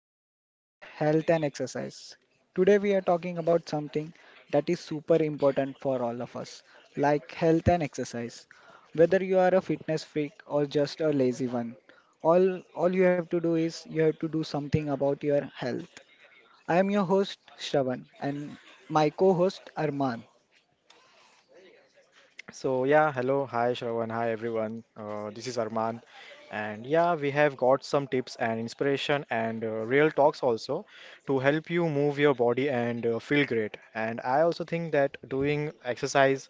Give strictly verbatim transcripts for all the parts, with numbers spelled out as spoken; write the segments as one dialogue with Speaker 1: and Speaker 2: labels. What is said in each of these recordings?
Speaker 1: our podcast Health and Exercise. Today we are talking about something that is super important for all of us, like health and exercise. Whether you are a fitness freak or just a lazy one, all all you have to do is you have to do something about your health. I am your host Shravan and my co-host Arman.
Speaker 2: So yeah, hello, hi Shravan, hi everyone. Uh, this is Arman, and yeah, we have got some tips and inspiration and uh, real talks also to help you move your body and uh, feel great. And I also think that doing exercise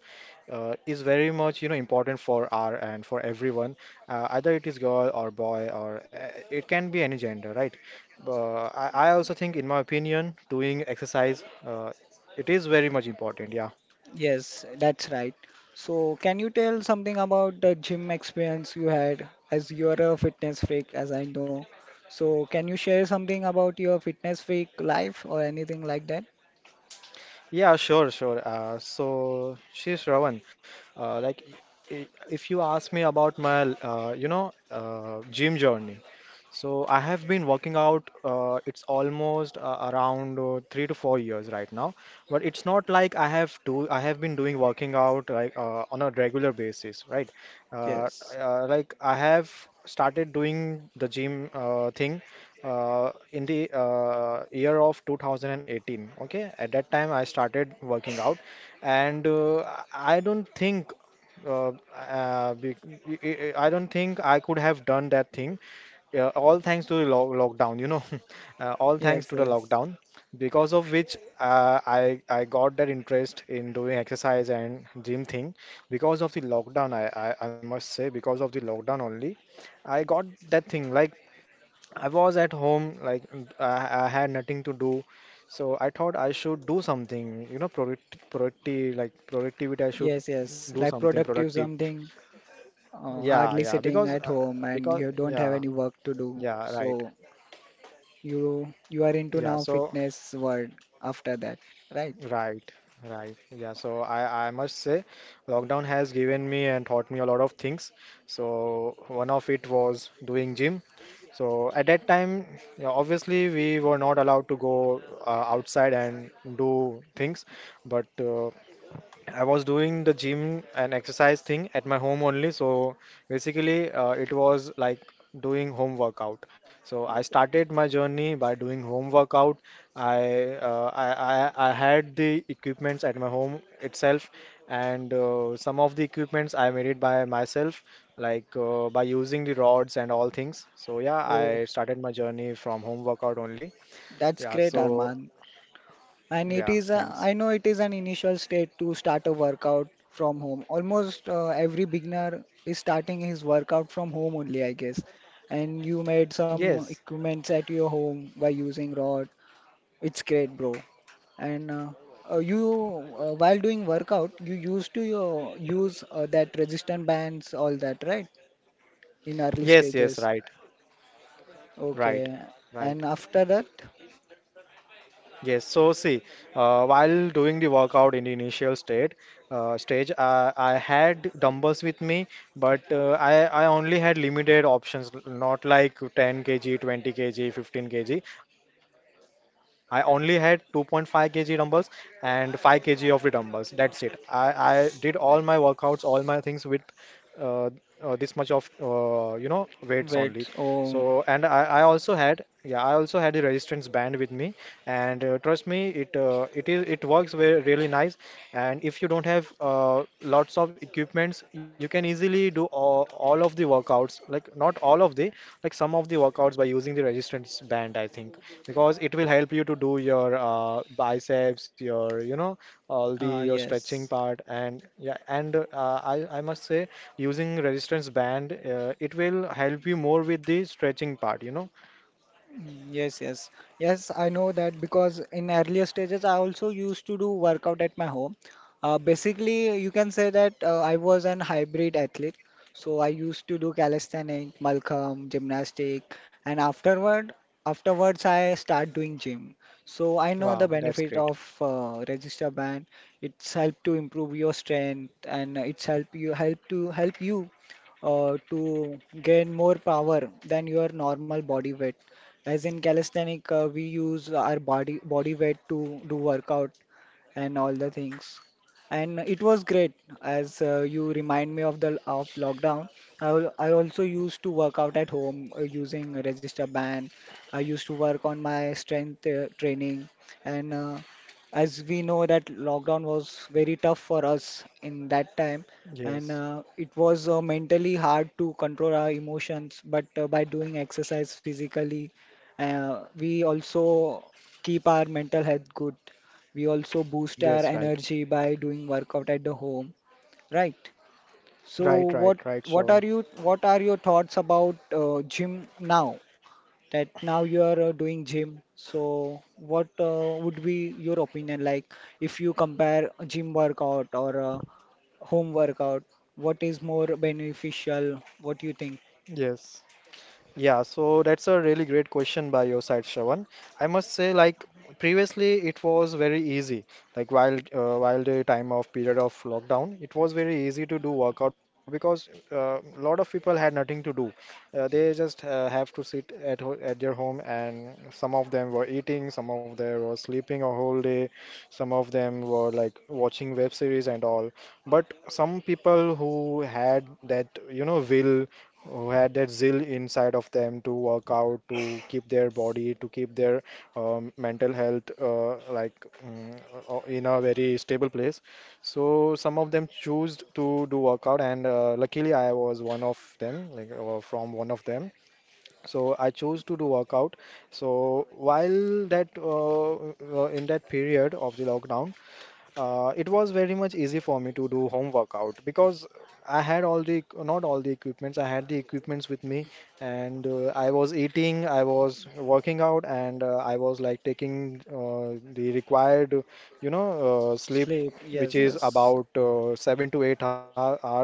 Speaker 2: uh, is very much you know important for our and for everyone, uh, either it is girl or boy or uh, it can be any gender, right? But I, I also think, in my opinion, doing exercise uh, it is very much important. Yeah.
Speaker 1: Yes, that's right. So, can you tell something about the gym experience you had as you're a fitness freak, as I know? So, can you share something about your fitness freak life or anything like that?
Speaker 2: Yeah, sure, sure. Uh, so, she's Ravan. Uh, like, i- if you ask me about my, uh, you know, uh, gym journey, so I have been working out. Uh, it's almost uh, around uh, three to four years right now, but it's not like I have do. I have been doing working out like uh, on a regular basis, right? Uh,
Speaker 1: Yes,
Speaker 2: uh, like I have started doing the gym uh, thing uh, in the uh, year of two thousand eighteen. Okay, at that time I started working out, and uh, I I don't think uh, uh, bec- I I- I don't think I could have done that thing, yeah, all thanks to the lo lockdown, you know, uh, all
Speaker 1: yes,
Speaker 2: thanks to the
Speaker 1: yes,
Speaker 2: lockdown, because of which uh, I I got that interest in doing exercise and gym thing. Because of the lockdown, I, I I must say, because of the lockdown only, I got that thing. Like I was at home, like n- I, I had nothing to do, so I thought I should do something, you know, product, productive, like productivity. I should
Speaker 1: yes, yes.
Speaker 2: do
Speaker 1: Like
Speaker 2: something
Speaker 1: productive
Speaker 2: productive.
Speaker 1: something, uh,
Speaker 2: Yeah,
Speaker 1: hardly
Speaker 2: yeah,
Speaker 1: sitting
Speaker 2: because
Speaker 1: at
Speaker 2: uh,
Speaker 1: home and
Speaker 2: because
Speaker 1: you don't have
Speaker 2: yeah,
Speaker 1: any work to do.
Speaker 2: yeah, right.
Speaker 1: So, you you are into
Speaker 2: Yeah,
Speaker 1: now
Speaker 2: so.
Speaker 1: fitness world after that, right?
Speaker 2: Right, right. Yeah, so I, I must say lockdown has given me and taught me a lot of things. So one of it was doing gym. So at that time, yeah, obviously we were not allowed to go uh, outside and do things, but uh, I was doing the gym and exercise thing at my home only. So basically, uh, it was like doing home workout. So I started my journey by doing home workout. I uh, I, I I had the equipments at my home itself, and uh, some of the equipments I made it by myself, like uh, by using the rods and all things. So yeah,
Speaker 1: Oh,
Speaker 2: I started my journey from home workout only.
Speaker 1: that's
Speaker 2: Yeah.
Speaker 1: great,
Speaker 2: So
Speaker 1: Arman. And it
Speaker 2: yeah,
Speaker 1: is, a,
Speaker 2: thanks.
Speaker 1: I know it is an initial state to start a workout from home. Almost uh, every beginner is starting his workout from home only, I guess. And you made some
Speaker 2: Yes.
Speaker 1: equipments at your home by using rod. It's great, bro. And uh, uh, you, uh, while doing workout, you used to your, use uh, that resistant bands, all that, right? In early
Speaker 2: Yes. Yes.
Speaker 1: stages.
Speaker 2: Right.
Speaker 1: Okay.
Speaker 2: Right. Right.
Speaker 1: And after that,
Speaker 2: Yes, so see, uh, while doing the workout in the initial state uh, stage, I, I had dumbbells with me, but uh, I, I only had limited options, l- not like ten k g, twenty k g, fifteen k g. I only had two point five kg dumbbells and five k g of the dumbbells. That's it. I, I did all my workouts, all my things with uh, uh, this much of uh, you know weights only.
Speaker 1: wait,
Speaker 2: So and
Speaker 1: oh,
Speaker 2: I, I also had, yeah, I also had the resistance band with me, and uh, trust me, it uh, it is it works very really nice. And if you don't have uh, lots of equipments, you can easily do all, all of the workouts, like not all of the, like some of the workouts by using the resistance band, I think, because it will help you to do your uh, biceps, your you know all the
Speaker 1: uh,
Speaker 2: your stretching
Speaker 1: yes.
Speaker 2: part. And yeah, and uh, I, I must say using resistance band, uh, it will help you more with the stretching part, you know
Speaker 1: Yes, yes, yes. I know that because in earlier stages, I also used to do workout at my home. Uh, basically, you can say that uh, I was an hybrid athlete. So I used to do calisthenic, Malcolm, gymnastic, and afterward, afterwards I start doing gym. So I know the
Speaker 2: wow, that's
Speaker 1: benefit of
Speaker 2: great.
Speaker 1: uh, resistor band. It's helped to improve your strength, and it's help you help to help you uh, to gain more power than your normal body weight. As in calisthenic, uh, we use our body body weight to do workout and all the things. And it was great as uh, you remind me of the of lockdown. I, al- I also used to work out at home uh, using a register band. I used to work on my strength uh, training, and uh, as we know that lockdown was very tough for us in that time, and
Speaker 2: Yes.
Speaker 1: uh, it was uh, mentally hard to control our emotions, but uh, by doing exercise physically uh, we also keep our mental health good. We also boost our
Speaker 2: Yes, right.
Speaker 1: energy by doing workout at the home, right? So
Speaker 2: Right, right,
Speaker 1: what
Speaker 2: right,
Speaker 1: what are
Speaker 2: Shravan.
Speaker 1: you what are your thoughts about uh, gym now? That now you are uh, doing gym. So what uh, would be your opinion, like if you compare a gym workout or a home workout, what is more beneficial? What do you think?
Speaker 2: Yes. Yeah, so that's a really great question by your side, Shravan. I must say, like previously, it was very easy. Like while uh, while the time of period of lockdown, it was very easy to do workout because a lot of people had nothing to do. Uh, they just uh, have to sit at ho at their home, and some of them were eating, some of them were sleeping a whole day, some of them were like watching web series and all. But some people who had that, you know, will, who had that zeal inside of them to work out, to keep their body, to keep their um, mental health uh, like mm, uh, in a very stable place. So some of them choose to do workout, and uh, luckily I was one of them, like uh, from one of them. So I chose to do workout. So while that uh, uh, in that period of the lockdown, uh, it was very much easy for me to do home workout because I had all the not all the equipments I had the equipments with me, and uh, I was eating, I was working out, and uh, I was like taking uh, the required, you know uh, sleep
Speaker 1: Sleep.
Speaker 2: which
Speaker 1: Yes,
Speaker 2: is
Speaker 1: yes.
Speaker 2: about uh, seven to eight hour, hours.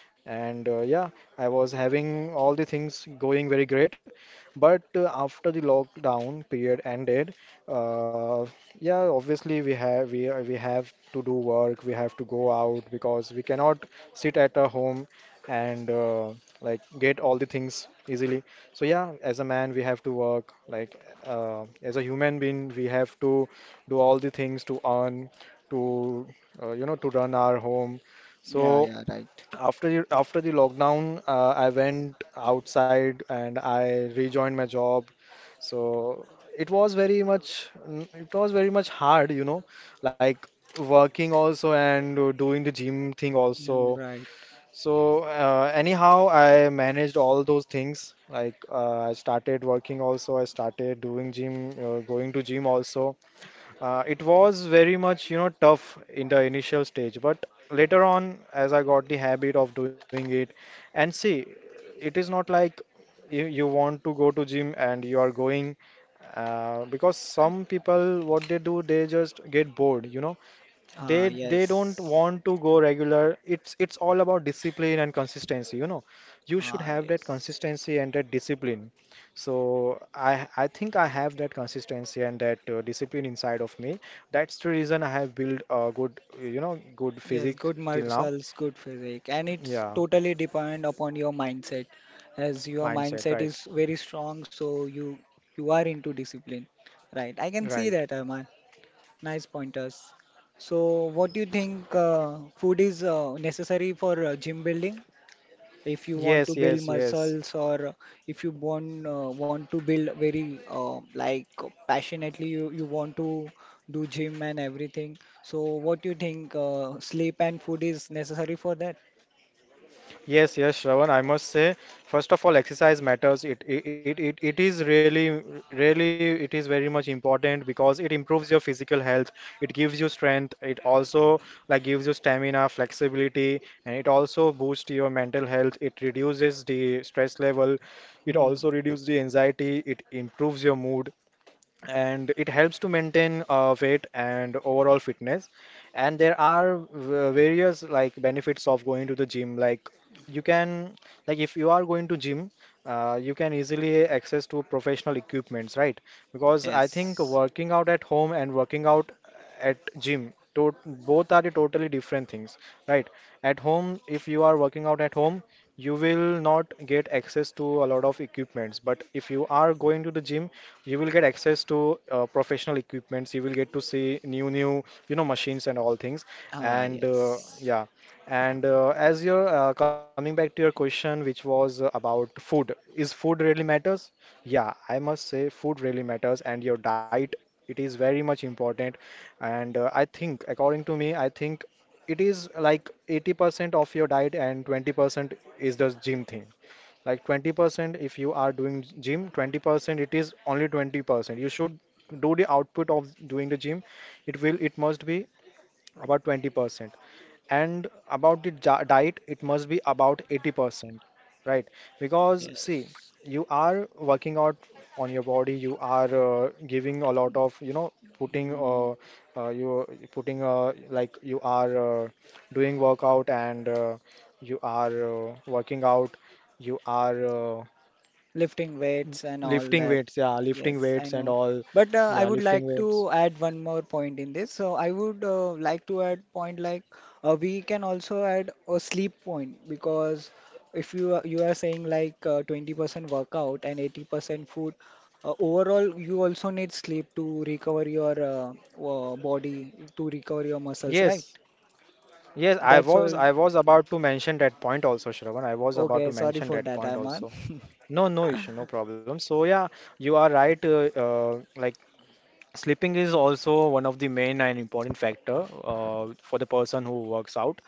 Speaker 2: And uh, yeah, I was having all the things going very great. But uh, after the lockdown period ended, uh, yeah, obviously we have we are- we have to do work, we have to go out because we cannot sit at a home, and uh, like get all the things easily. So yeah, as a man we have to work. Like uh, as a human being we have to do all the things to earn, to uh, you know to run our home.
Speaker 1: Yeah,
Speaker 2: So
Speaker 1: yeah, right.
Speaker 2: after the, after the lockdown, uh, I went outside and I rejoined my job. So it was very much mm, it was very much hard, you know, like working also and uh, doing the gym thing
Speaker 1: Mm,
Speaker 2: also.
Speaker 1: right.
Speaker 2: So uh, anyhow, I managed all those things. Like uh, I started working also, I started doing gym, uh, going to gym also. Uh, it was very much, you know, tough in the initial stage, but later on, as I got the habit of doing it, and see, it is not like you, you want to go to gym and you are going, uh, because some people, what they do, they just get bored, you know,
Speaker 1: Uh,
Speaker 2: they they don't
Speaker 1: yes.
Speaker 2: want to go regular. It's it's all about discipline and consistency, you know. You should
Speaker 1: Uh,
Speaker 2: have that
Speaker 1: yes.
Speaker 2: consistency and that discipline. So i i think I have that consistency and that uh, discipline inside of me. That's the reason I have built a good, you know, good
Speaker 1: Yes,
Speaker 2: physique
Speaker 1: good
Speaker 2: till now.
Speaker 1: muscles, good physique. And it's
Speaker 2: Yeah.
Speaker 1: totally depend upon your mindset. As your
Speaker 2: Mindset,
Speaker 1: mindset
Speaker 2: right,
Speaker 1: is very strong, so you you are into discipline. Right. I can see
Speaker 2: right.
Speaker 1: that, Arman. Nice pointers. So what do you think, uh, food is uh, necessary for uh, gym building? If you want to
Speaker 2: Yes,
Speaker 1: build
Speaker 2: yes, yes.
Speaker 1: muscles, or if you want uh, want to build very uh, like passionately, you, you want to do gym and everything, so what do you think, uh, sleep and food is necessary for that?
Speaker 2: Yes, yes, Shravan. I must say, first of all, exercise matters. It it, it it it is really, really, it is very much important because it improves your physical health. It gives you strength. It also like gives you stamina, flexibility, and it also boosts your mental health. It reduces the stress level. It
Speaker 1: Hmm.
Speaker 2: also reduces the anxiety. It improves your mood, and it helps to maintain uh, weight and overall fitness. And there are v- various like benefits of going to the gym. Like you can, like if you are going to gym, uh, you can easily access to professional equipments, right? Because I think working out at home and working out at gym to, both are the totally different things, right? At home, if you are working out at home, you will not get access to a lot of equipments. But if you are going to the gym, you will get access to uh, professional equipments. You will get to see new new, you know, machines and all things. And uh, yeah. And uh, as you're uh, coming back to your question which was uh, about food, is food really matters? Yeah, I must say food really matters, and your diet, it is very much important. And uh, I think according to me, I think it is like eighty percent of your diet and twenty percent is the gym thing. Like twenty percent if you are doing gym, twenty percent, it is only twenty percent you should do. The output of doing the gym, it will, it must be about twenty percent. And about the ja- diet, it must be about eighty percent, right? Because see, you are working out on your body, you are uh, giving a lot of, you know, putting uh,
Speaker 1: Hmm.
Speaker 2: uh, you putting uh, like you are uh, doing workout, and uh, you are uh, working out, you are uh,
Speaker 1: Lifting weights and all
Speaker 2: lifting
Speaker 1: that.
Speaker 2: weights, yeah, lifting
Speaker 1: Yes, I
Speaker 2: weights and
Speaker 1: know.
Speaker 2: all.
Speaker 1: But uh, I
Speaker 2: Yeah,
Speaker 1: would like
Speaker 2: lifting weights.
Speaker 1: to add one more point in this. So I would uh, like to add point like uh, we can also add a sleep point because if you are, you are saying like uh, twenty percent workout and eighty percent food, uh, overall you also need sleep to recover your uh, uh, body, to recover your muscles, right?
Speaker 2: Yes, yes, I
Speaker 1: That's
Speaker 2: was
Speaker 1: all.
Speaker 2: I was about to mention that point also, Shravan. I was about
Speaker 1: Okay,
Speaker 2: to
Speaker 1: sorry
Speaker 2: mention
Speaker 1: for
Speaker 2: that
Speaker 1: that,
Speaker 2: point
Speaker 1: Aman.
Speaker 2: also. No, no issue, no problem. So yeah, you are right. Uh, uh, like sleeping is also one of the main and important factor uh, for the person who works out.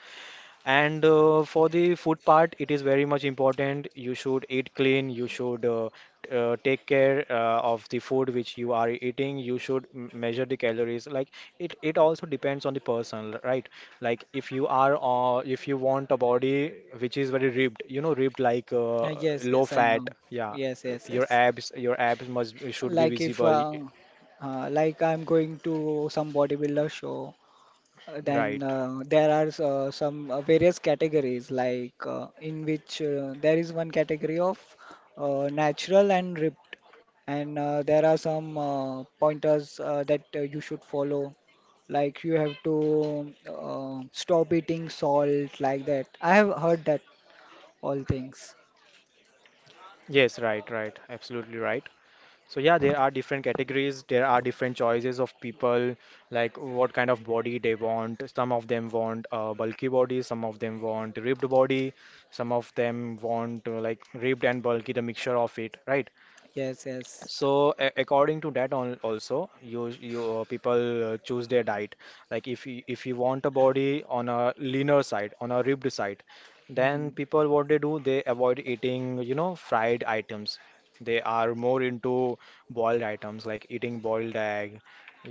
Speaker 2: And uh, for the food part, it is very much important. You should eat clean. You should uh, t- uh, take care uh, of the food which you are eating. You should m- measure the calories. Like it, it also depends on the person, right? Like if you are, uh, if you want a body which is very ribbed, you know, ribbed like uh,
Speaker 1: Uh, yes,
Speaker 2: low
Speaker 1: yes, I
Speaker 2: fat.
Speaker 1: know.
Speaker 2: Yeah,
Speaker 1: Yes, yes,
Speaker 2: your
Speaker 1: yes.
Speaker 2: abs, your abs must should be
Speaker 1: Like if
Speaker 2: visible.
Speaker 1: uh, uh, like I'm going to some bodybuilder show, uh, then
Speaker 2: Right.
Speaker 1: uh, there are uh, some uh, various categories like uh, in which uh, there is one category of uh, natural and ripped, and uh, there are some uh, pointers uh, that uh, you should follow. Like you have to uh, stop eating salt, like that. I have heard that all things.
Speaker 2: Yes, right, right. Absolutely right. So yeah, there are different categories, there are different choices of people, like what kind of body they want. Some of them want a bulky body, some of them want ribbed body, some of them want uh, like ribbed and bulky, the mixture of it, right?
Speaker 1: Yes, yes.
Speaker 2: So a- according to that on also you you uh, people uh, choose their diet. Like if you, if you want a body on a leaner side, on a ribbed side, then
Speaker 1: Hmm.
Speaker 2: people, what they do, they avoid eating, you know, fried items. They are more into boiled items, like eating boiled egg.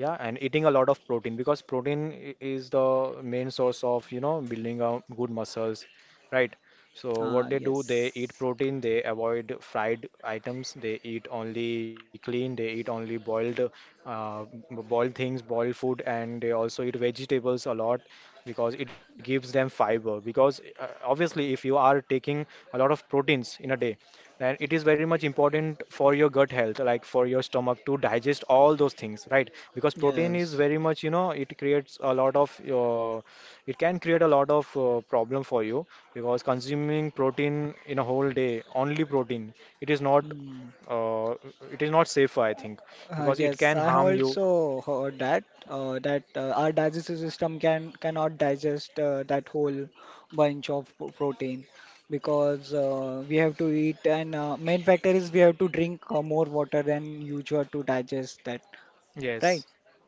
Speaker 2: Yeah, and eating a lot of protein, because protein i- is the main source of, you know, building a good muscles, right? So what
Speaker 1: Ah,
Speaker 2: they do, they eat
Speaker 1: yes.
Speaker 2: protein, they avoid fried items, they eat only clean, they eat only boiled, uh, b- boiled things, boiled food, and they also eat vegetables a lot because it gives them fiber. Because uh, obviously, if you are taking a lot of proteins in a day, then it is very much important for your gut health, like for your stomach to digest all those things, right? Because protein is very much, you know, it creates a lot of, uh, it can create a lot of uh, problem for you, because consuming protein in a whole day, only protein, it is not
Speaker 1: Hmm.
Speaker 2: uh, it is not safe, I think,
Speaker 1: Uh,
Speaker 2: because it
Speaker 1: yes,
Speaker 2: can
Speaker 1: I have
Speaker 2: harm you.
Speaker 1: also heard that uh, that uh, our digestive system can cannot digest uh, that whole bunch of p- protein because uh, we have to eat, and uh, main factor is we have to drink uh, more water than usual to digest that, right?
Speaker 2: Yes,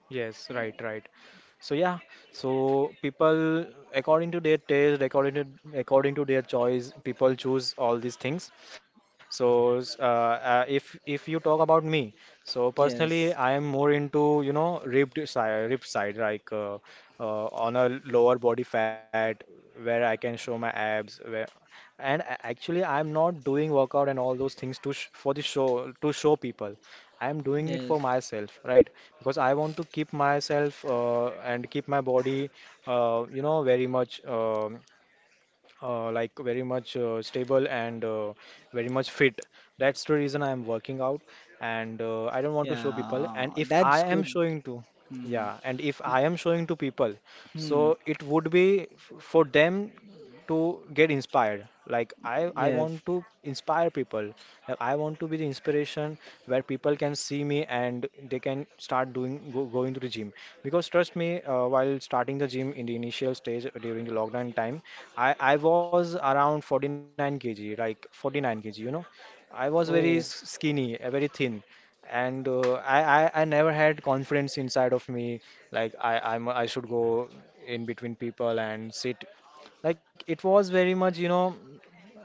Speaker 2: yes, right, right. So yeah, so people, according to their taste, according to according to their choice, people choose all these things. So s- uh, uh, if if you talk about me, so personally I
Speaker 1: Yes,
Speaker 2: am more into, you know, ribbed side, ribbed side, like uh, uh, on a lower body fat, where I can show my abs, where and a- actually, I'm not doing workout and all those things to sh for the show to show people. I'm doing it for
Speaker 1: yes,
Speaker 2: myself, right? Because I want to keep myself uh, and keep my body, uh, you know, very much. Um uh, like very much uh, stable and uh, very much fit. That's the reason I am working out, and uh, I don't want to show people.
Speaker 1: yeah,
Speaker 2: And if
Speaker 1: that's
Speaker 2: I am
Speaker 1: good.
Speaker 2: showing to,
Speaker 1: Hmm.
Speaker 2: yeah, and if I am showing to people,
Speaker 1: Hmm.
Speaker 2: so it would be f- for them to get inspired. Like I, I want
Speaker 1: Yes.
Speaker 2: to inspire people. Like I want to be the inspiration where people can see me and they can start doing go, going to the gym. Because trust me, uh, while starting the gym in the initial stage during the lockdown time, I I was around forty-nine k g, like forty-nine k g, you know. I was very s-
Speaker 1: Oh.
Speaker 2: skinny, uh, very thin, and uh, I, I I never had confidence inside of me. Like I I'm, I should go in between people and sit. Like it was very much, you know,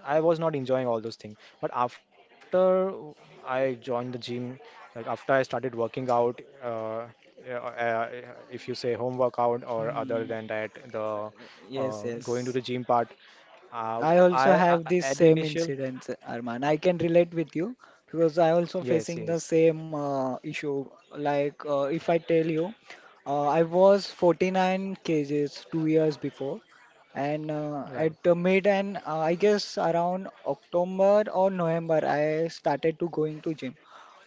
Speaker 2: I was not enjoying all those things. But after I joined the gym, like after I started working out, uh, yeah, uh, if you say home workout or other
Speaker 1: Hmm.
Speaker 2: than that, the
Speaker 1: Yes.
Speaker 2: uh, going to
Speaker 1: Yes.
Speaker 2: the gym part. uh,
Speaker 1: I also
Speaker 2: I, I
Speaker 1: have this
Speaker 2: at
Speaker 1: same
Speaker 2: initial,
Speaker 1: incident, Arman. I can relate with you because I also
Speaker 2: yes,
Speaker 1: facing the
Speaker 2: yes,
Speaker 1: same uh, issue. Like uh, if I tell you, uh, I was forty-nine kgs two years before, and uh,
Speaker 2: right,
Speaker 1: at the mid, and uh, I guess around October or November, I started to going to gym.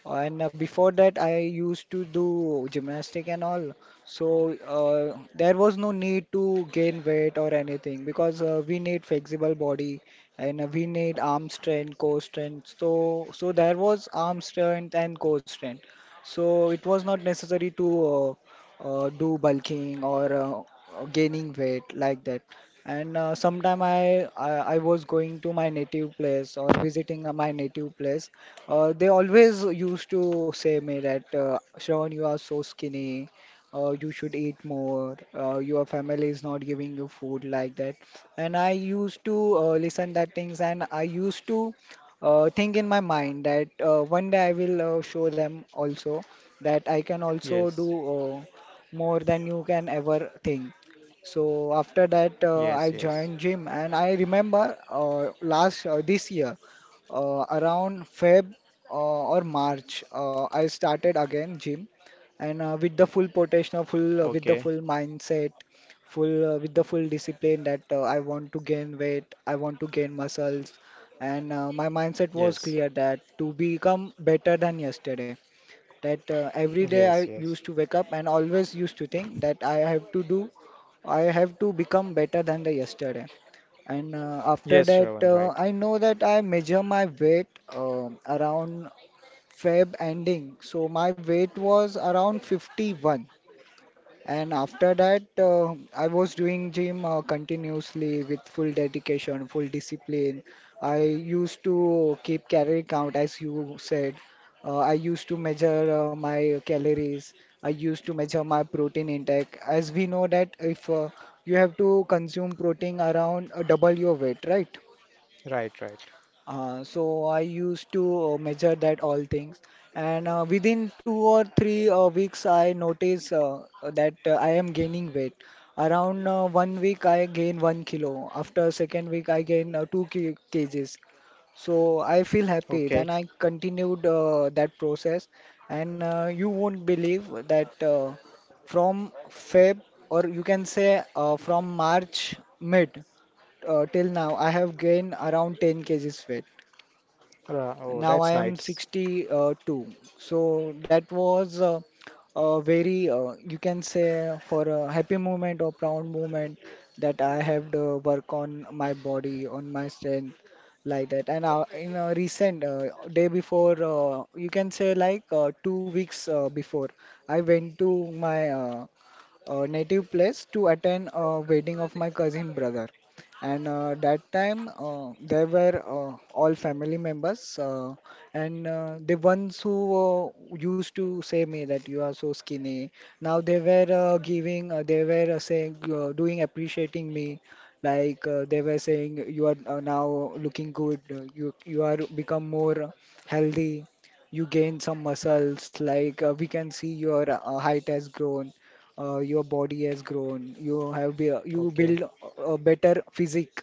Speaker 1: And uh, before that, I used to do gymnastic and all. So uh, there was no need to gain weight or anything because uh, we need flexible body, and uh, we need arm strength, core strength. So so there was arm strength and core strength. So it was not necessary to uh, uh, do bulking or uh, uh, gaining weight like that. And uh, sometime I, I I was going to my native place or visiting uh, my native place. Uh, they always used to say me that uh, Shravan, you are so skinny. Uh, you should eat more. Uh, your family is not giving you food like that. And I used to uh, listen that things, and I used to uh, think in my mind that uh, one day I will uh, show them also that I can also do
Speaker 2: yes,
Speaker 1: uh, more than you can ever think. So after
Speaker 2: yes,
Speaker 1: that,
Speaker 2: yes.
Speaker 1: uh, I joined gym, and I remember uh, last uh, this year. Uh, around Feb uh, or March, uh, I started again gym, and uh, with the full potential,
Speaker 2: Okay,
Speaker 1: full uh, with the full mindset, full uh, with the full discipline, that uh, I want to gain weight, I want to gain muscles, and uh, my mindset
Speaker 2: yes,
Speaker 1: was clear that to become better than yesterday. That uh, every day
Speaker 2: yes,
Speaker 1: I
Speaker 2: yes,
Speaker 1: used to wake up and always used to think that I have to do, I have to become better than the yesterday. And uh,
Speaker 2: yes,
Speaker 1: after that,
Speaker 2: Shravan, right,
Speaker 1: uh, I know that I measure my weight um around Feb ending. So my weight was around fifty-one. And after that, uh, I was doing gym uh, continuously with full dedication, full discipline. I used to keep calorie count, as you said. Uh, I used to measure uh, my calories. I used to measure my protein intake. As we know that if uh, you have to consume protein around uh, double your weight, right?
Speaker 2: right, right.
Speaker 1: Uh, so I used to uh, measure that all things, and uh, within two or three uh, weeks, I notice uh, that uh, I am gaining weight. Around uh, one week, I gain one kilo. After second week, I gain uh, two ki- kgs. So I feel
Speaker 2: Okay.
Speaker 1: happy. Then I continued uh, that process, and uh, you won't believe that uh, from Feb, or you can say uh, from March mid uh, till now, I have gained around ten kgs weight.
Speaker 2: Uh, oh,
Speaker 1: Now I
Speaker 2: that's
Speaker 1: am
Speaker 2: nice.
Speaker 1: sixty-two. So that was uh, a very, uh, you can say, for a happy moment or proud moment, that I have to work on my body, on my strength, like that. And uh, in a recent uh, day before, uh, you can say like uh, two weeks uh, before, I went to my uh, uh, native place to attend a wedding of my cousin brother, and uh, that time uh, there were uh, all family members, uh, and uh, the ones who uh, used to say me that you are so skinny, now they were uh, giving uh, they were uh, saying uh, doing appreciating me. Like uh, they were saying, you are uh, now looking good, uh, you you are become more healthy, you gain some muscles. Like uh, we can see your uh, height has grown, uh, your body has grown. You have be, you
Speaker 2: Okay,
Speaker 1: build a better physique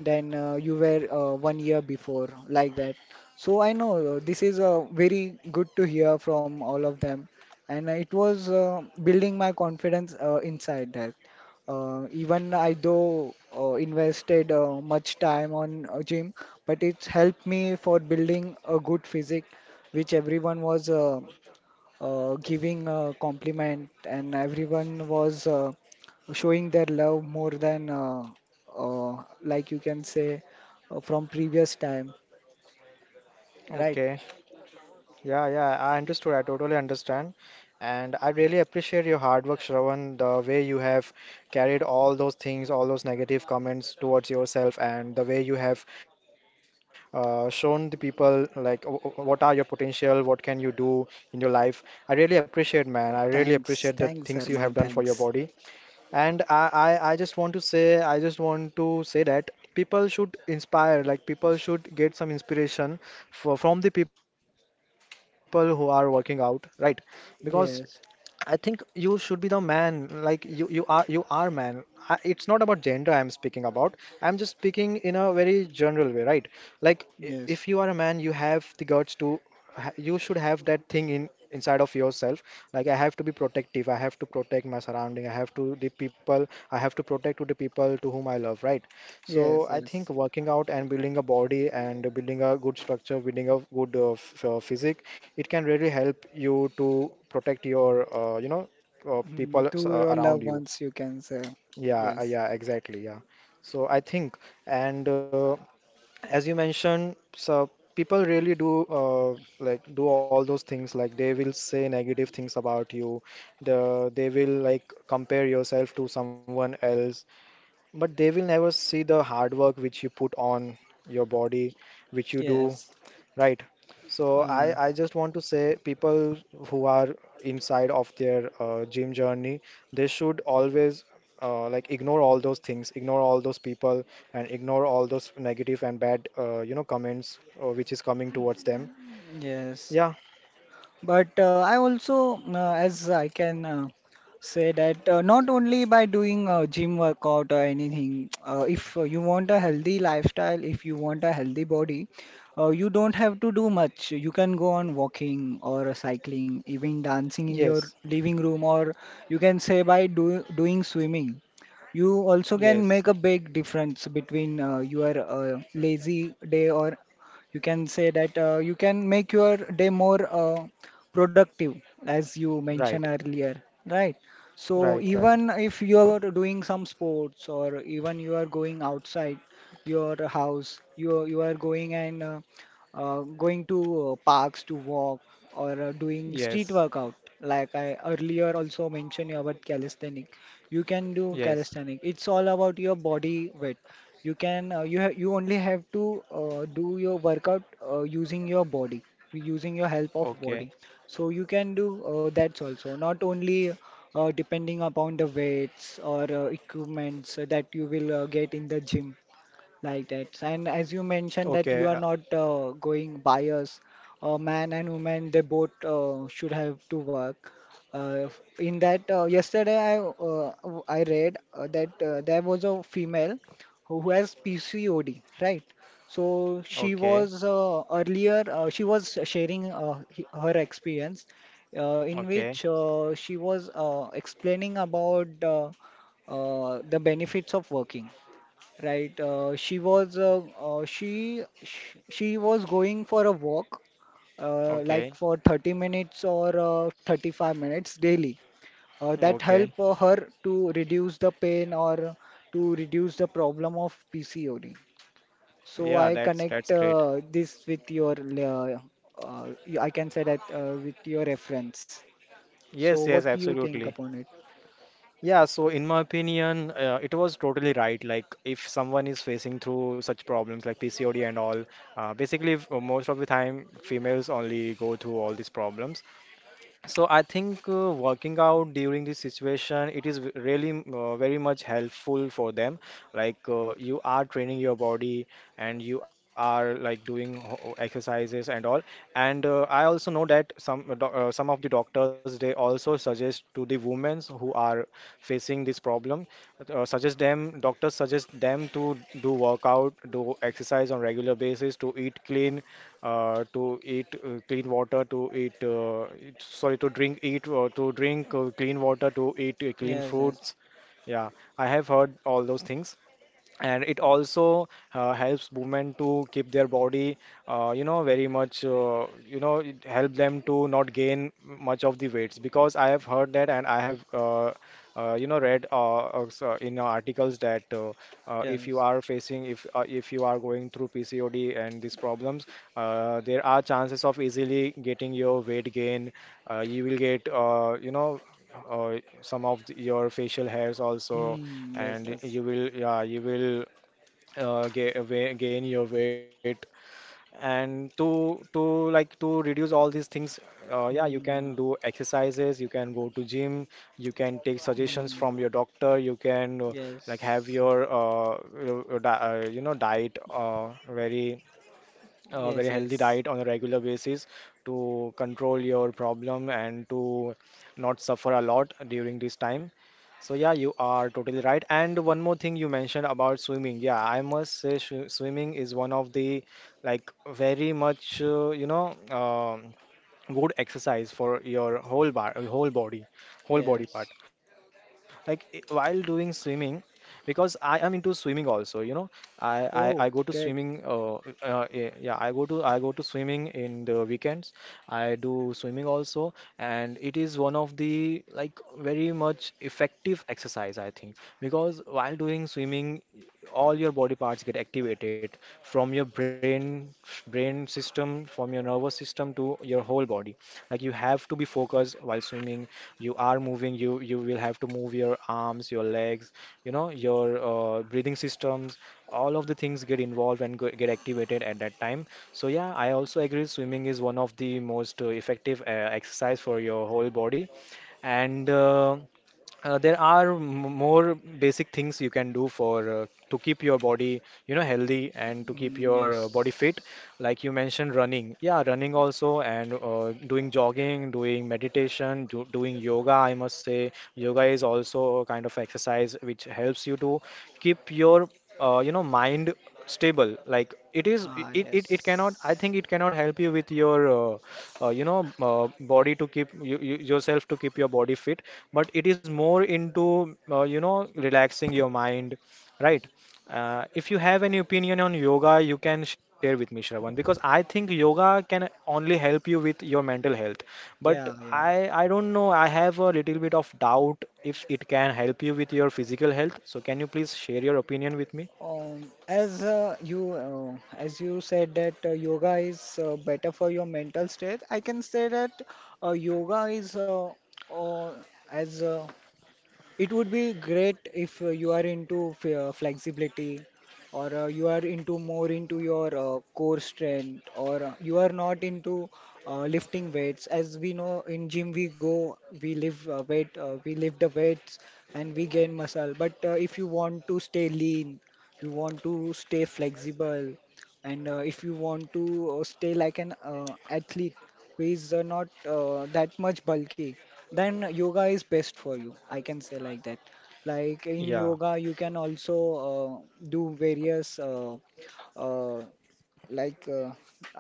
Speaker 1: than uh, you were uh, one year before, like that. So I know uh, this is uh, very good to hear from all of them, and it was uh, building my confidence uh, inside that. Uh, even I though uh, invested uh, much time on a gym, but it's helped me for building a good physique, which everyone was uh, uh, giving a compliment, and everyone was uh, showing their love more than uh, uh, like you can say uh, from previous time, right?
Speaker 2: okay. Yeah, yeah, I understood. I totally understand. And I really appreciate your hard work, Shravan, the way you have carried all those things, all those negative comments towards yourself, and the way you have uh, shown the people like w w- what are your potential, what can you do in your life. I really appreciate, man. I really appreciate the
Speaker 1: Thanks,
Speaker 2: things you
Speaker 1: thanks,
Speaker 2: have done
Speaker 1: Arman,
Speaker 2: for your body.
Speaker 1: thanks.
Speaker 2: And I, I, I just want to say, I just want to say that people should inspire, like people should get some inspiration for, from the people who are working out, right? Because I think
Speaker 1: Yes,
Speaker 2: you should be the man. Like you, you are, you are man. I, it's not about gender I'm speaking about. I'm just speaking in a very general way, right? Like i- if you
Speaker 1: yes,
Speaker 2: are a man, you have the guts to. ha- You should have that thing in inside of yourself. Like I have to be protective. I have to protect my surrounding. I have to the people. I have to protect to the people to whom I love, right? So
Speaker 1: yes,
Speaker 2: I
Speaker 1: yes.
Speaker 2: think working out and building a body and building a good structure, building a good uh, f- uh, physique, it can really help you to protect your uh, you know uh, people
Speaker 1: Mm,
Speaker 2: s-
Speaker 1: to
Speaker 2: uh,
Speaker 1: your
Speaker 2: around
Speaker 1: loved
Speaker 2: you.
Speaker 1: ones, you can say.
Speaker 2: Yeah uh, yeah, exactly, yeah. So I think, and uh, as you mentioned, so people really do uh, like do all those things, like they will say negative things about you, the they will like compare yourself to someone else, but they will never see the hard work which you put on your body, which you do. Right. So
Speaker 1: Uh,
Speaker 2: I, I just want to say people who are inside of their uh, gym journey, they should always uh, like ignore all those things, ignore all those people, and ignore all those negative and bad uh, you know comments uh, which is coming towards them.
Speaker 1: yes.
Speaker 2: Yeah.
Speaker 1: But uh, I also, uh, as I can uh, say that uh, not only by doing uh, gym workout or anything, uh, if uh, you want a healthy lifestyle, if you want a healthy body, uh, you don't have to do much. You can go on walking or cycling, even dancing in your
Speaker 2: Yes.
Speaker 1: living room, or you can say by do doing swimming. You also can
Speaker 2: Yes.
Speaker 1: make a big difference between uh, your uh, lazy day, or you can say that uh, you can make your day more uh, productive, as you mentioned
Speaker 2: Right.
Speaker 1: earlier, right? So
Speaker 2: Right. Right.
Speaker 1: even if you are doing some sports, or even you are going outside your house, you you are going and uh, uh, going to uh, parks to walk or uh, doing street
Speaker 2: Yes,
Speaker 1: workout. Like I earlier also mentioned about calisthenic. You can do
Speaker 2: yes.
Speaker 1: calisthenic. It's all about your body weight. You can uh, you ha you only have to uh, do your workout uh, using your body, using your help of
Speaker 2: Okay,
Speaker 1: body. So you can do uh, that's also not only uh, depending upon the weights or uh, equipments that you will uh, get in the gym. Like that. And as you
Speaker 2: okay. Uh,
Speaker 1: mentioned that you are not uh, going bias, uh, man and woman, they both uh, should have to work. Uh, f- in that, uh, yesterday I uh, w- I read uh, that uh, there was a female who who has P C O D, right? So she
Speaker 2: okay,
Speaker 1: was uh, earlier uh, she was sharing uh, he- her experience, uh, in
Speaker 2: okay,
Speaker 1: which uh, she was uh, explaining about uh, uh, the benefits of working. Right. Uh, she was uh, uh, she, she she was going for a walk, uh, like
Speaker 2: okay,
Speaker 1: for thirty minutes or uh, thirty-five minutes daily. Uh, that
Speaker 2: okay.
Speaker 1: help uh, her to reduce the pain, or to reduce the problem of P C O D. So
Speaker 2: Yeah,
Speaker 1: I
Speaker 2: that's
Speaker 1: connect
Speaker 2: that's great.
Speaker 1: uh, this with your uh, uh, I can say that uh, with your reference. So
Speaker 2: Yes,
Speaker 1: what
Speaker 2: yes,
Speaker 1: do you think
Speaker 2: absolutely.
Speaker 1: upon it?
Speaker 2: Yeah, so in my opinion, uh, it was totally right. Like, if someone is facing through such problems like P C O D and all, uh, basically, f- most of the time, females only go through all these problems. So I think uh, working out during this situation, it is v- really m- uh, very much helpful for them. Like uh, you are training your body and you are like doing ho- exercises and all. And uh, I also know that some uh, doc- uh, some of the doctors, they also suggest to the women who are facing this problem, uh, suggest them doctors suggest them to do workout, do exercise on regular basis, to eat clean, uh, to eat uh, clean water, to eat uh, it- sorry, to drink eat uh, to drink uh, clean water, to eat uh, clean fruits. Yeah, I have heard all those things, and it also uh, helps women to keep their body uh, you know very much uh, you know it help them to not gain much of the weights, because I have heard that and I have uh, uh, you know read uh, uh, so in uh, articles that uh, uh, if you are facing, if uh, if you are going through PCOD and these problems, uh, there are chances of easily getting your weight gain. Uh, you will get uh, you know uh, some of the, your facial hairs also, and you will yeah, you will uh, ga- wa- gain your weight. And to to like to reduce all these things, uh, yeah, you can
Speaker 1: Hmm,
Speaker 2: do exercises, you can go to gym, you can take suggestions
Speaker 1: hmm.
Speaker 2: from your doctor, you can uh, like have your uh, your- your di- uh, you know diet uh, very a very healthy diet on a regular basis to control your problem and to not suffer a lot during this time. So yeah, you are totally right. And one more thing you mentioned about swimming. Yeah, I must say swi- swimming is one of the like very much uh, you know um good exercise for your whole bar whole body, whole body part. Like i- while doing swimming, because I am into swimming also, you know, i i, I go to
Speaker 1: Oh,
Speaker 2: swimming
Speaker 1: great.
Speaker 2: uh, uh eh, yeah, i go to I go to swimming in the weekends, I do swimming also, and it is one of the like very much effective exercise, I think, because while doing swimming, all your body parts get activated, from your brain brain system, from your nervous system, to your whole body. Like you have to be focused while swimming, you are moving, you you will have to move your arms, your legs, you know, your uh, breathing systems. All of the things get involved and go- get activated at that time. So yeah, I also agree swimming is one of the most uh, effective uh, exercise for your whole body. And uh, uh, there are m- more basic things you can do for uh, to keep your body, you know, healthy and to keep your uh, body fit, like you mentioned running, yeah, running also, and uh, doing jogging, doing meditation, do, doing yoga. I must say yoga is also a kind of exercise which helps you to keep your uh, you know mind stable. Like it is it, it it cannot, I think it cannot help you with your uh, uh, you know uh, body to keep you, you, yourself, to keep your body fit, but it is more into uh, you know relaxing your mind. Right. Uh, if you have any opinion on yoga, you can share with me, Shravan, because I think yoga can only help you with your mental health, but
Speaker 1: Yeah, yeah.
Speaker 2: i i don't know, I have a little bit of doubt if it can help you with your physical health. So can you please share your opinion with me?
Speaker 1: Um, as uh, you uh, as you said that uh, yoga is uh, better for your mental state, I can say that uh, yoga is uh, uh, as uh, it would be great if uh, you are into f- uh, flexibility, or uh, you are into more into your uh, core strength, or uh, you are not into uh, lifting weights. As we know, in gym we go, we lift uh, weight, uh, we lift the weights and we gain muscle. But uh, if you want to stay lean, you want to stay flexible, and uh, if you want to uh, stay like an uh, athlete who is uh, not uh, that much bulky, then yoga is best for you. I can say like that. Like in
Speaker 2: Yeah.
Speaker 1: yoga, you can also uh, do various uh, uh, like uh,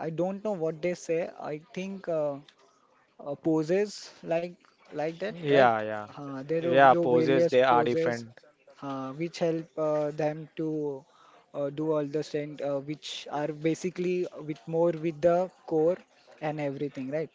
Speaker 1: I don't know what they say. I think. Uh, uh, poses, like like that, right?
Speaker 2: Yeah, yeah.
Speaker 1: Uh, they do,
Speaker 2: Yeah,
Speaker 1: do
Speaker 2: poses
Speaker 1: various
Speaker 2: they are
Speaker 1: poses
Speaker 2: different.
Speaker 1: uh, which help uh, them to uh, do all the stand uh, which are basically with more with the core and everything, right?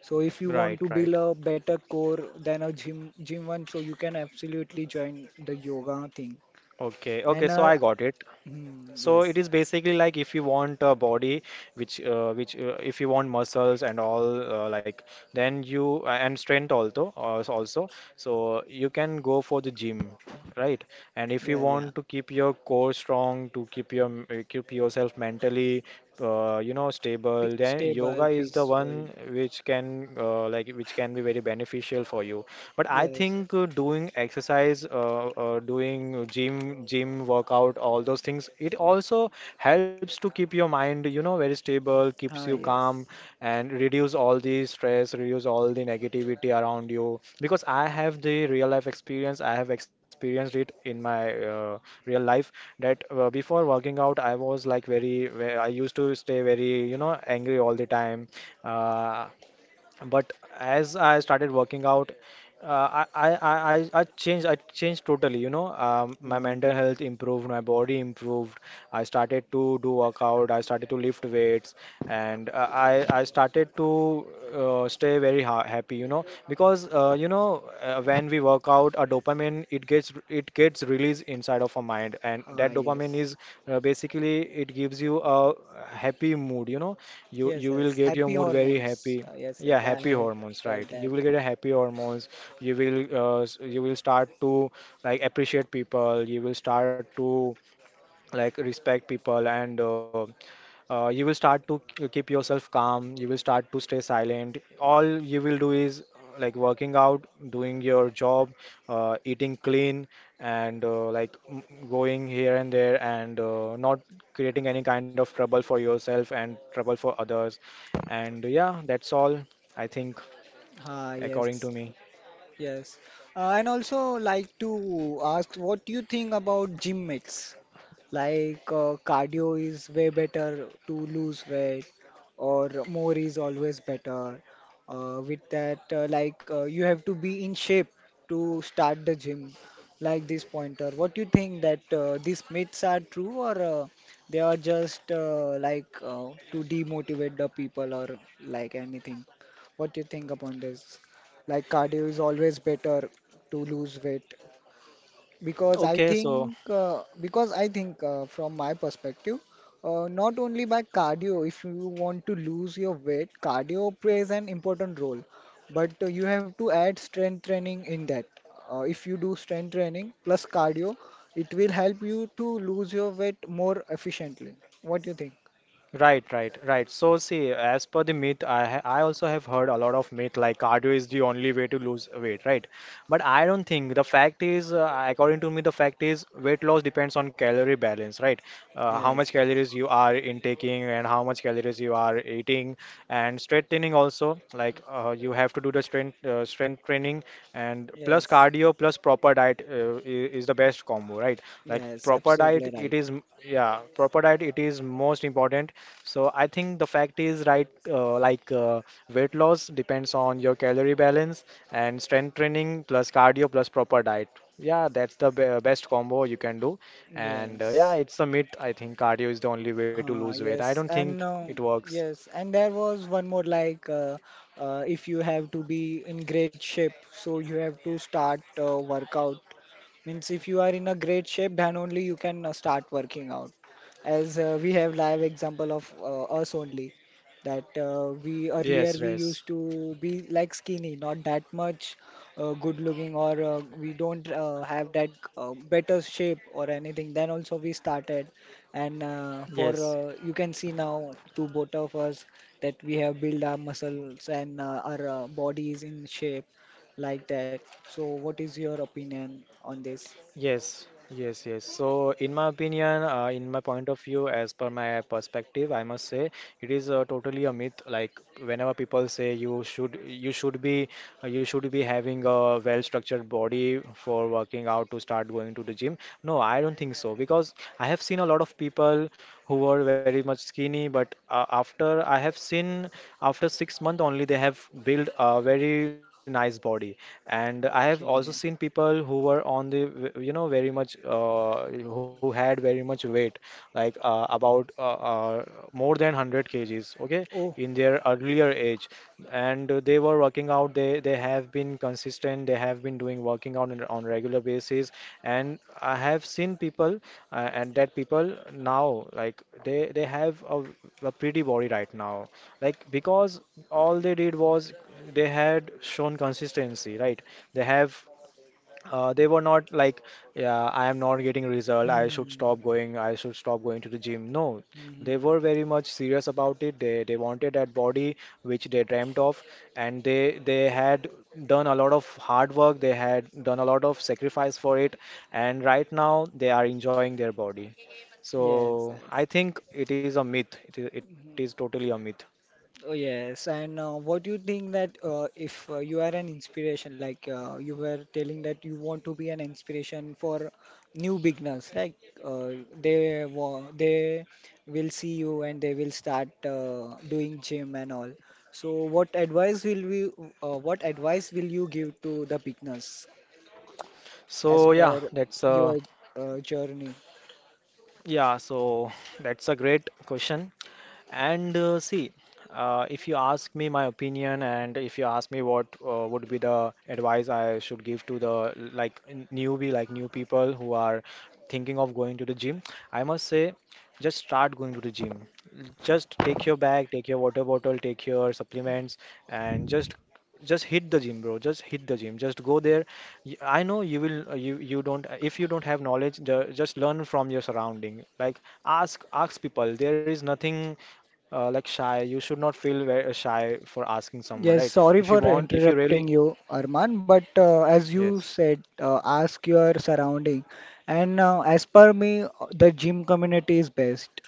Speaker 1: So if you
Speaker 2: Right,
Speaker 1: want to
Speaker 2: right.
Speaker 1: build a better core than a gym gym one, so you can absolutely join the yoga thing.
Speaker 2: Okay, okay,
Speaker 1: And
Speaker 2: so
Speaker 1: uh,
Speaker 2: I got it.
Speaker 1: hmm,
Speaker 2: So
Speaker 1: yes,
Speaker 2: it is basically like, if you want a body which uh, which uh, if you want muscles and all, uh, like then you uh, and strength also uh, also, so you can go for the gym, right? And if you
Speaker 1: yeah, yeah,
Speaker 2: want to keep your core strong, to keep your m- uh, keep yourself mentally uh, you know
Speaker 1: Pe
Speaker 2: stable, then yoga
Speaker 1: stable,
Speaker 2: is the
Speaker 1: peaceful,
Speaker 2: one which can uh, like which can be very beneficial for you. But I
Speaker 1: yes,
Speaker 2: think uh, doing exercise, uh, uh, doing gym, gym workout, all those things, it also helps to keep your mind, you know, very stable, keeps you
Speaker 1: ah,
Speaker 2: calm,
Speaker 1: yes,
Speaker 2: and reduce all the stress, reduce all the negativity around you. Because I have the real life experience, I have experienced it in my uh, real life, that uh, before working out, I was like very, ve- I used to stay very, you know, angry all the time. Uh, but as I started working out, uh, I, I, I, I I changed, I changed totally, you know. Um, my
Speaker 1: oh,
Speaker 2: mental
Speaker 1: yes,
Speaker 2: health improved, my body improved. I started to do workout, I started to lift weights, and uh, I I started to uh, stay very ha happy, you know, because uh, you know uh, when we work out, a dopamine it gets it gets released inside of our mind, and
Speaker 1: ah,
Speaker 2: that dopamine
Speaker 1: yes.
Speaker 2: is uh, basically, it gives you a happy mood, you know. You
Speaker 1: Yes,
Speaker 2: you will
Speaker 1: yes.
Speaker 2: get your
Speaker 1: Happy
Speaker 2: mood very
Speaker 1: hormones.
Speaker 2: happy.
Speaker 1: Uh, yes,
Speaker 2: Yeah,
Speaker 1: yes. I
Speaker 2: happy
Speaker 1: have
Speaker 2: hormones,
Speaker 1: heard
Speaker 2: right? You
Speaker 1: that.
Speaker 2: will get a happy hormones. You will uh, s- you will start to like appreciate people. You will start to like respect people, and uh, uh, you will start to k- keep yourself calm. You will start to stay silent. All you will do is uh, like working out, doing your job, uh, eating clean, and uh, like m- going here and there, and uh, not creating any kind of trouble for yourself and trouble for others. And yeah, that's all, I think,
Speaker 1: Ah, yes.
Speaker 2: according to me.
Speaker 1: Yes. Uh, and also like to ask, what you think about gym myths? Like uh, cardio is way better to lose weight, or more is always better. Uh, with that uh, like uh, you have to be in shape to start the gym, like this pointer. What do you think that uh, these myths are true, or uh, they are just uh, like uh, to demotivate the people, or like anything? What do you think upon this? Like cardio is always better to lose weight. Because I
Speaker 2: okay
Speaker 1: think
Speaker 2: so
Speaker 1: uh, because I think uh, from my perspective, uh, not only by cardio, if you want to lose your weight, cardio plays an important role, but uh, you have to add strength training in that. Uh, if you do strength training plus cardio, it will help you to lose your weight more efficiently. What do you think?
Speaker 2: Right, right, right. So see, as per the myth, I ha I also have heard a lot of myth like cardio is the only way to lose weight, right? But I don't think, the fact is, uh, according to me, the fact is weight loss depends on calorie balance, right? Uh, how much calories you are intaking and how much calories you are eating, and strength training also, like uh, you have to do the strength uh, strength training, and plus
Speaker 1: Yes,
Speaker 2: cardio plus proper diet uh, i- is the best combo, right? Like
Speaker 1: yes,
Speaker 2: proper diet,
Speaker 1: absolutely right.
Speaker 2: it is m- yeah, proper diet, it is most important. So I think the fact is right. Uh, like uh, weight loss depends on your calorie balance, and strength training plus cardio plus proper diet, yeah, that's the be best combo you can do. And uh, yeah,
Speaker 1: Yes.
Speaker 2: it's a myth, I think. Cardio is the only way to lose
Speaker 1: Uh,
Speaker 2: weight, I
Speaker 1: yes,
Speaker 2: don't think
Speaker 1: and
Speaker 2: it
Speaker 1: uh,
Speaker 2: works.
Speaker 1: yes, and there was one more, like uh, uh, if you have to be in great shape, so you have to start uh, workout. Means if you are in a great shape, then only you can uh, start working out. As uh, we have live example of uh, us only, that uh, we
Speaker 2: Yes,
Speaker 1: earlier
Speaker 2: yes,
Speaker 1: we used to be like skinny, not that much uh, good looking, or uh, we don't uh, have that uh, better shape or anything. Then also we started, and uh, for
Speaker 2: yes,
Speaker 1: uh, you can see now to both of us that we have built our muscles and uh, our uh, body is in shape, like that. So what is your opinion on this?
Speaker 2: yes, yes, yes. So in my opinion, uh, in my point of view, as per my perspective, I must say it is uh, totally a myth. Like whenever people say you should you should be uh, you should be having a well-structured body for working out to start going to the gym. No, I don't think so because I have seen a lot of people who were very much skinny, but uh, after I have seen after six months only they have built a very nice body. And I have also seen people who were on the v- you know, very much uh, who had very much weight, like uh, about uh, uh, more than one hundred kgs, okay,
Speaker 1: Oh,
Speaker 2: in their earlier age. And uh, they were working out. They they have been consistent. They have been doing working out on a- on regular basis. And I have seen people, uh, and that people now, like, they they have a, a pretty body right now, like, because all they did was they had shown consistency, right? They have uh, they were not like, yeah, I am not getting result, I should
Speaker 1: hmm,
Speaker 2: stop going, I should stop going to the gym. No, they
Speaker 1: hmm,
Speaker 2: were very much serious about it. They they wanted that body which they dreamt of, and they they had done a lot of hard work. They had done a lot of sacrifice for it, and right now they are enjoying their body. So
Speaker 1: yes, yes.
Speaker 2: I think it is a myth. It is, it is totally a myth.
Speaker 1: Oh, yes. And uh, what do you think that uh, if uh, you are an inspiration, like uh, you were telling that you want to be an inspiration for new beginners, like uh, they wa they will see you and they will start uh, doing gym and all. So, what advice will we, uh, what advice will you give to the beginners, as
Speaker 2: So yeah,
Speaker 1: per
Speaker 2: that's uh
Speaker 1: your uh, journey?
Speaker 2: yeah. So that's a great question. And uh, see, uh, if you ask me my opinion, and if you ask me what uh, would be the advice I should give to the like n- newbie, like new people who are thinking of going to the gym, I must say, just start going to the gym. Just take your bag, take your water bottle, take your supplements, and just just hit the gym, bro. Just hit the gym. Just go there. Y- I know you will. Uh, You you don't. If you don't have knowledge, ju- just learn from your surrounding. Like ask ask people. There is nothing uh, like shy. You should not feel very shy for asking someone, right?
Speaker 1: Yes,
Speaker 2: If you
Speaker 1: sorry for
Speaker 2: want, if you really,
Speaker 1: interrupting you, Arman, but uh, as you
Speaker 2: yes,
Speaker 1: said, uh, ask your surrounding. And uh, as per me, uh, the gym community is best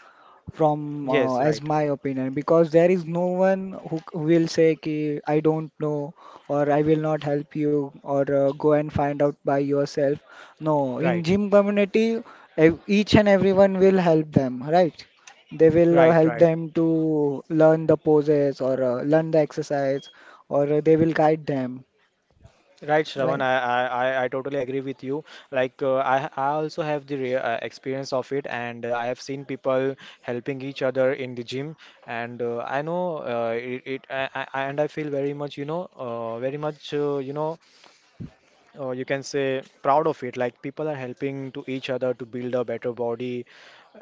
Speaker 1: from
Speaker 2: yes,
Speaker 1: uh,
Speaker 2: right,
Speaker 1: as my opinion, because there is no one who c- will say ki, I don't know, or I will not help you, or uh, go and find out by yourself. No, in
Speaker 2: right,
Speaker 1: gym community, ev- each and everyone will help them, right? They will uh,
Speaker 2: right,
Speaker 1: help
Speaker 2: right.
Speaker 1: them to learn the poses, or uh, learn the exercise, or uh, they will guide them,
Speaker 2: Right,
Speaker 1: right?
Speaker 2: Shravan, I, I, I I totally agree with you. Like, uh, I, I also have the re uh, experience of it, and uh, I have seen people helping each other in the gym, and uh, I know uh, it, it I, I, I- and I feel very much, you know, uh, very much, uh, you know, or you can say proud of it, like people are helping to each other to build a better body.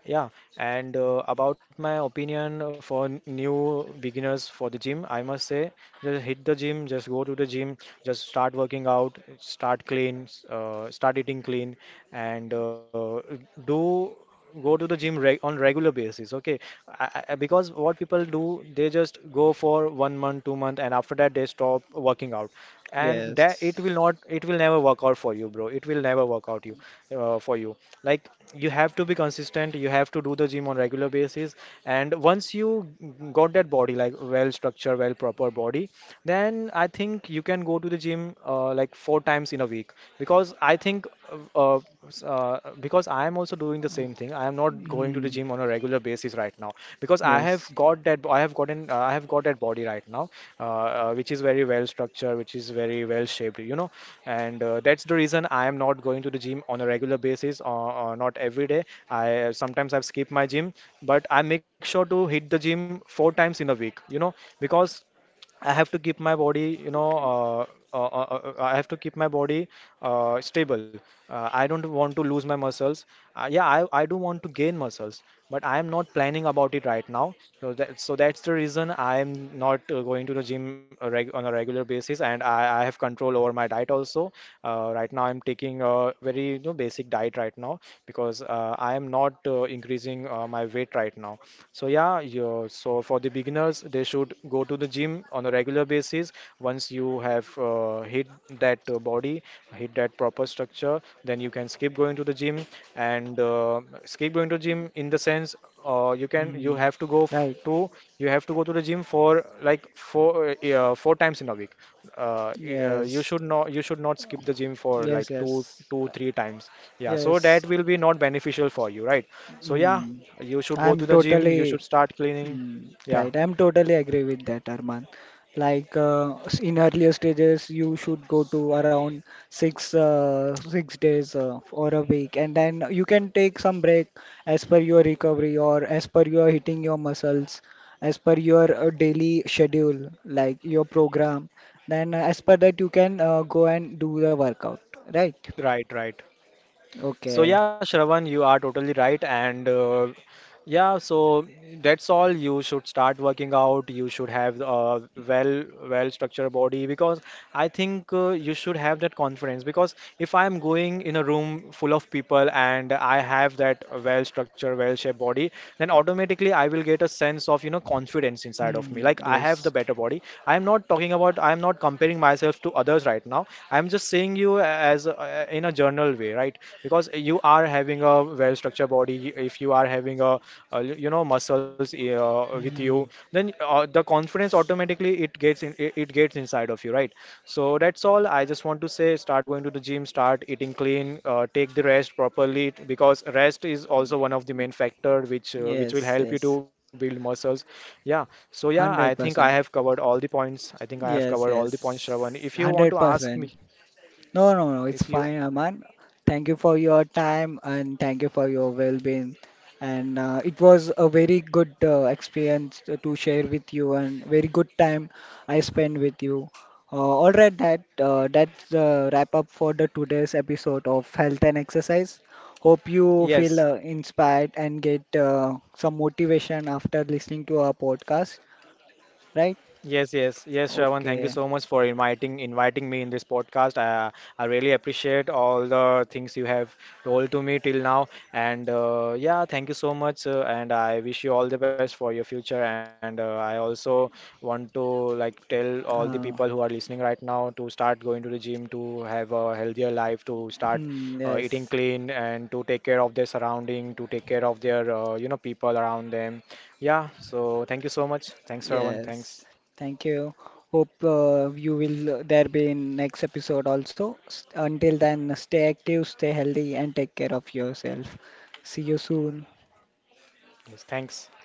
Speaker 2: Yeah. And uh, about my opinion for n- new beginners for the gym, I must say, just hit the gym, just go to the gym, just start working out, start clean, uh, start eating clean, and uh, do go to the gym reg on regular basis. Okay, I, I, I- because what people do, they just go for one month, two month, and after that they stop working out, and that it will not, it will never work out for you, bro. It will never work out you uh, for you. Like you have to be consistent. You have to do the gym on regular basis, and once you got that that body, like well structured, well proper body, then I think you can go to the gym uh, like four times in a week. Because I think uh, uh, uh, because I am also doing the same thing. I am not going to the
Speaker 1: Hmm.
Speaker 2: gym on a regular basis right now because I have got that I have gotten uh, I have got that body right now, uh, uh, which is very well structured, which is very well shaped, you know. And uh, that's the reason I am not going to the gym on a regular basis, or, or not every day. I sometimes I've skipped my gym, but but I make sure to hit the gym four times in a week, you know, because I have to keep my body, you know, uh, uh, uh, uh, uh, I have to keep my body uh, stable. Uh, I don't want to lose my muscles. Uh, yeah, I, I do want to gain muscles, but I am not planning about it right now. So that, so that's the reason I am not uh, going to the gym uh, reg on a regular basis. And I, I have control over my diet also. Uh, right now, I'm taking a very, you know, basic diet right now because uh, I am am not uh, increasing uh, my weight right now. So yeah, you so for the beginners, they should go to the gym on a regular basis. Once you have uh, hit that uh, body, hit that proper structure, then you can skip going to the gym, and uh, skip going to gym in the sense uh, you can you
Speaker 1: Hmm.
Speaker 2: have to go f
Speaker 1: Right.
Speaker 2: to you have to go to the gym for like four uh, yeah, four times in a week. Uh, y- uh, you
Speaker 1: Yes.
Speaker 2: should not you should not skip the gym for
Speaker 1: Yes.
Speaker 2: like two
Speaker 1: Yes.
Speaker 2: two three times. Yeah, so
Speaker 1: Yes.
Speaker 2: that will be not beneficial for you, right? So yeah,
Speaker 1: Hmm.
Speaker 2: you should go to
Speaker 1: I'm
Speaker 2: the gym, you
Speaker 1: totally.
Speaker 2: should start cleaning.
Speaker 1: Mm,
Speaker 2: Yeah,
Speaker 1: right, I'm totally agree with that, Arman. Like uh, s- in earlier stages, you should go to around six uh, six days uh, or a week, and then you can take some break as per your recovery, or as per your hitting your muscles, as per your uh, daily schedule, like your program. Then uh, as per that, you can uh, go and do the workout, right?
Speaker 2: right, right. So
Speaker 1: Okay.
Speaker 2: yeah, Shravan, you are totally right. And uh, yeah, so that's all. You should start working out. You should have a well, well structured body, because I think uh, you should have that confidence. Because if I am going in a room full of people and I have that well structured, well shaped body, then automatically I will get a sense of, you know, confidence inside of me.
Speaker 1: Hmm,
Speaker 2: Like I have the
Speaker 1: yes.
Speaker 2: better body, I am not talking about, I am not comparing myself to others right now. I am just saying you as uh, in a general way, right? Because you are having a well structured body, if you are having a, uh you know muscles uh, with you,
Speaker 1: Hmm,
Speaker 2: then uh, the confidence automatically, it gets in, it it gets inside of you, right? So that's all, I just want to say, start going to the gym, start eating clean, uh, take the rest properly, t- because rest is also one of the main factor which uh, which will help you to build muscles. Yeah. So yeah, I think I have
Speaker 1: one hundred percent.
Speaker 2: covered all the points. I think I have covered all the points, Shravan. If you want to ask me,
Speaker 1: one hundred percent. No, no, no, it's
Speaker 2: if you,
Speaker 1: fine, Aman. Thank you for your time, and thank you for your well-being. And uh, it was a very good uh, experience to to share with you, and very good time I spent with you. Uh, all right, that uh, that's the wrap up for the today's episode of Health and Exercise. Hope you feel
Speaker 2: yes,
Speaker 1: uh, inspired and get uh, some motivation after listening to our podcast, right?
Speaker 2: yes, yes, yes, Shravan. Thank you
Speaker 1: Okay.
Speaker 2: so much for inviting inviting me in this podcast. Uh, I really appreciate all the things you have told to me till now. And uh, yeah, thank you so much. Uh, and I wish you all the best for your future. And uh, I also want to like tell all the
Speaker 1: Uh,
Speaker 2: people who are listening right now to start going to the gym, to have a healthier life, to start
Speaker 1: hmm,
Speaker 2: uh, eating
Speaker 1: yes.
Speaker 2: clean, and to take care of their surrounding, to take care of their uh, you know, people around them. Yeah. So thank you so much. Thanks, Shravan. Thanks.
Speaker 1: Thank you. Hope uh, you will uh, there be in next episode also. S- Until then, stay active, stay healthy, and take care of yourself. See you soon.
Speaker 2: Yes, thanks.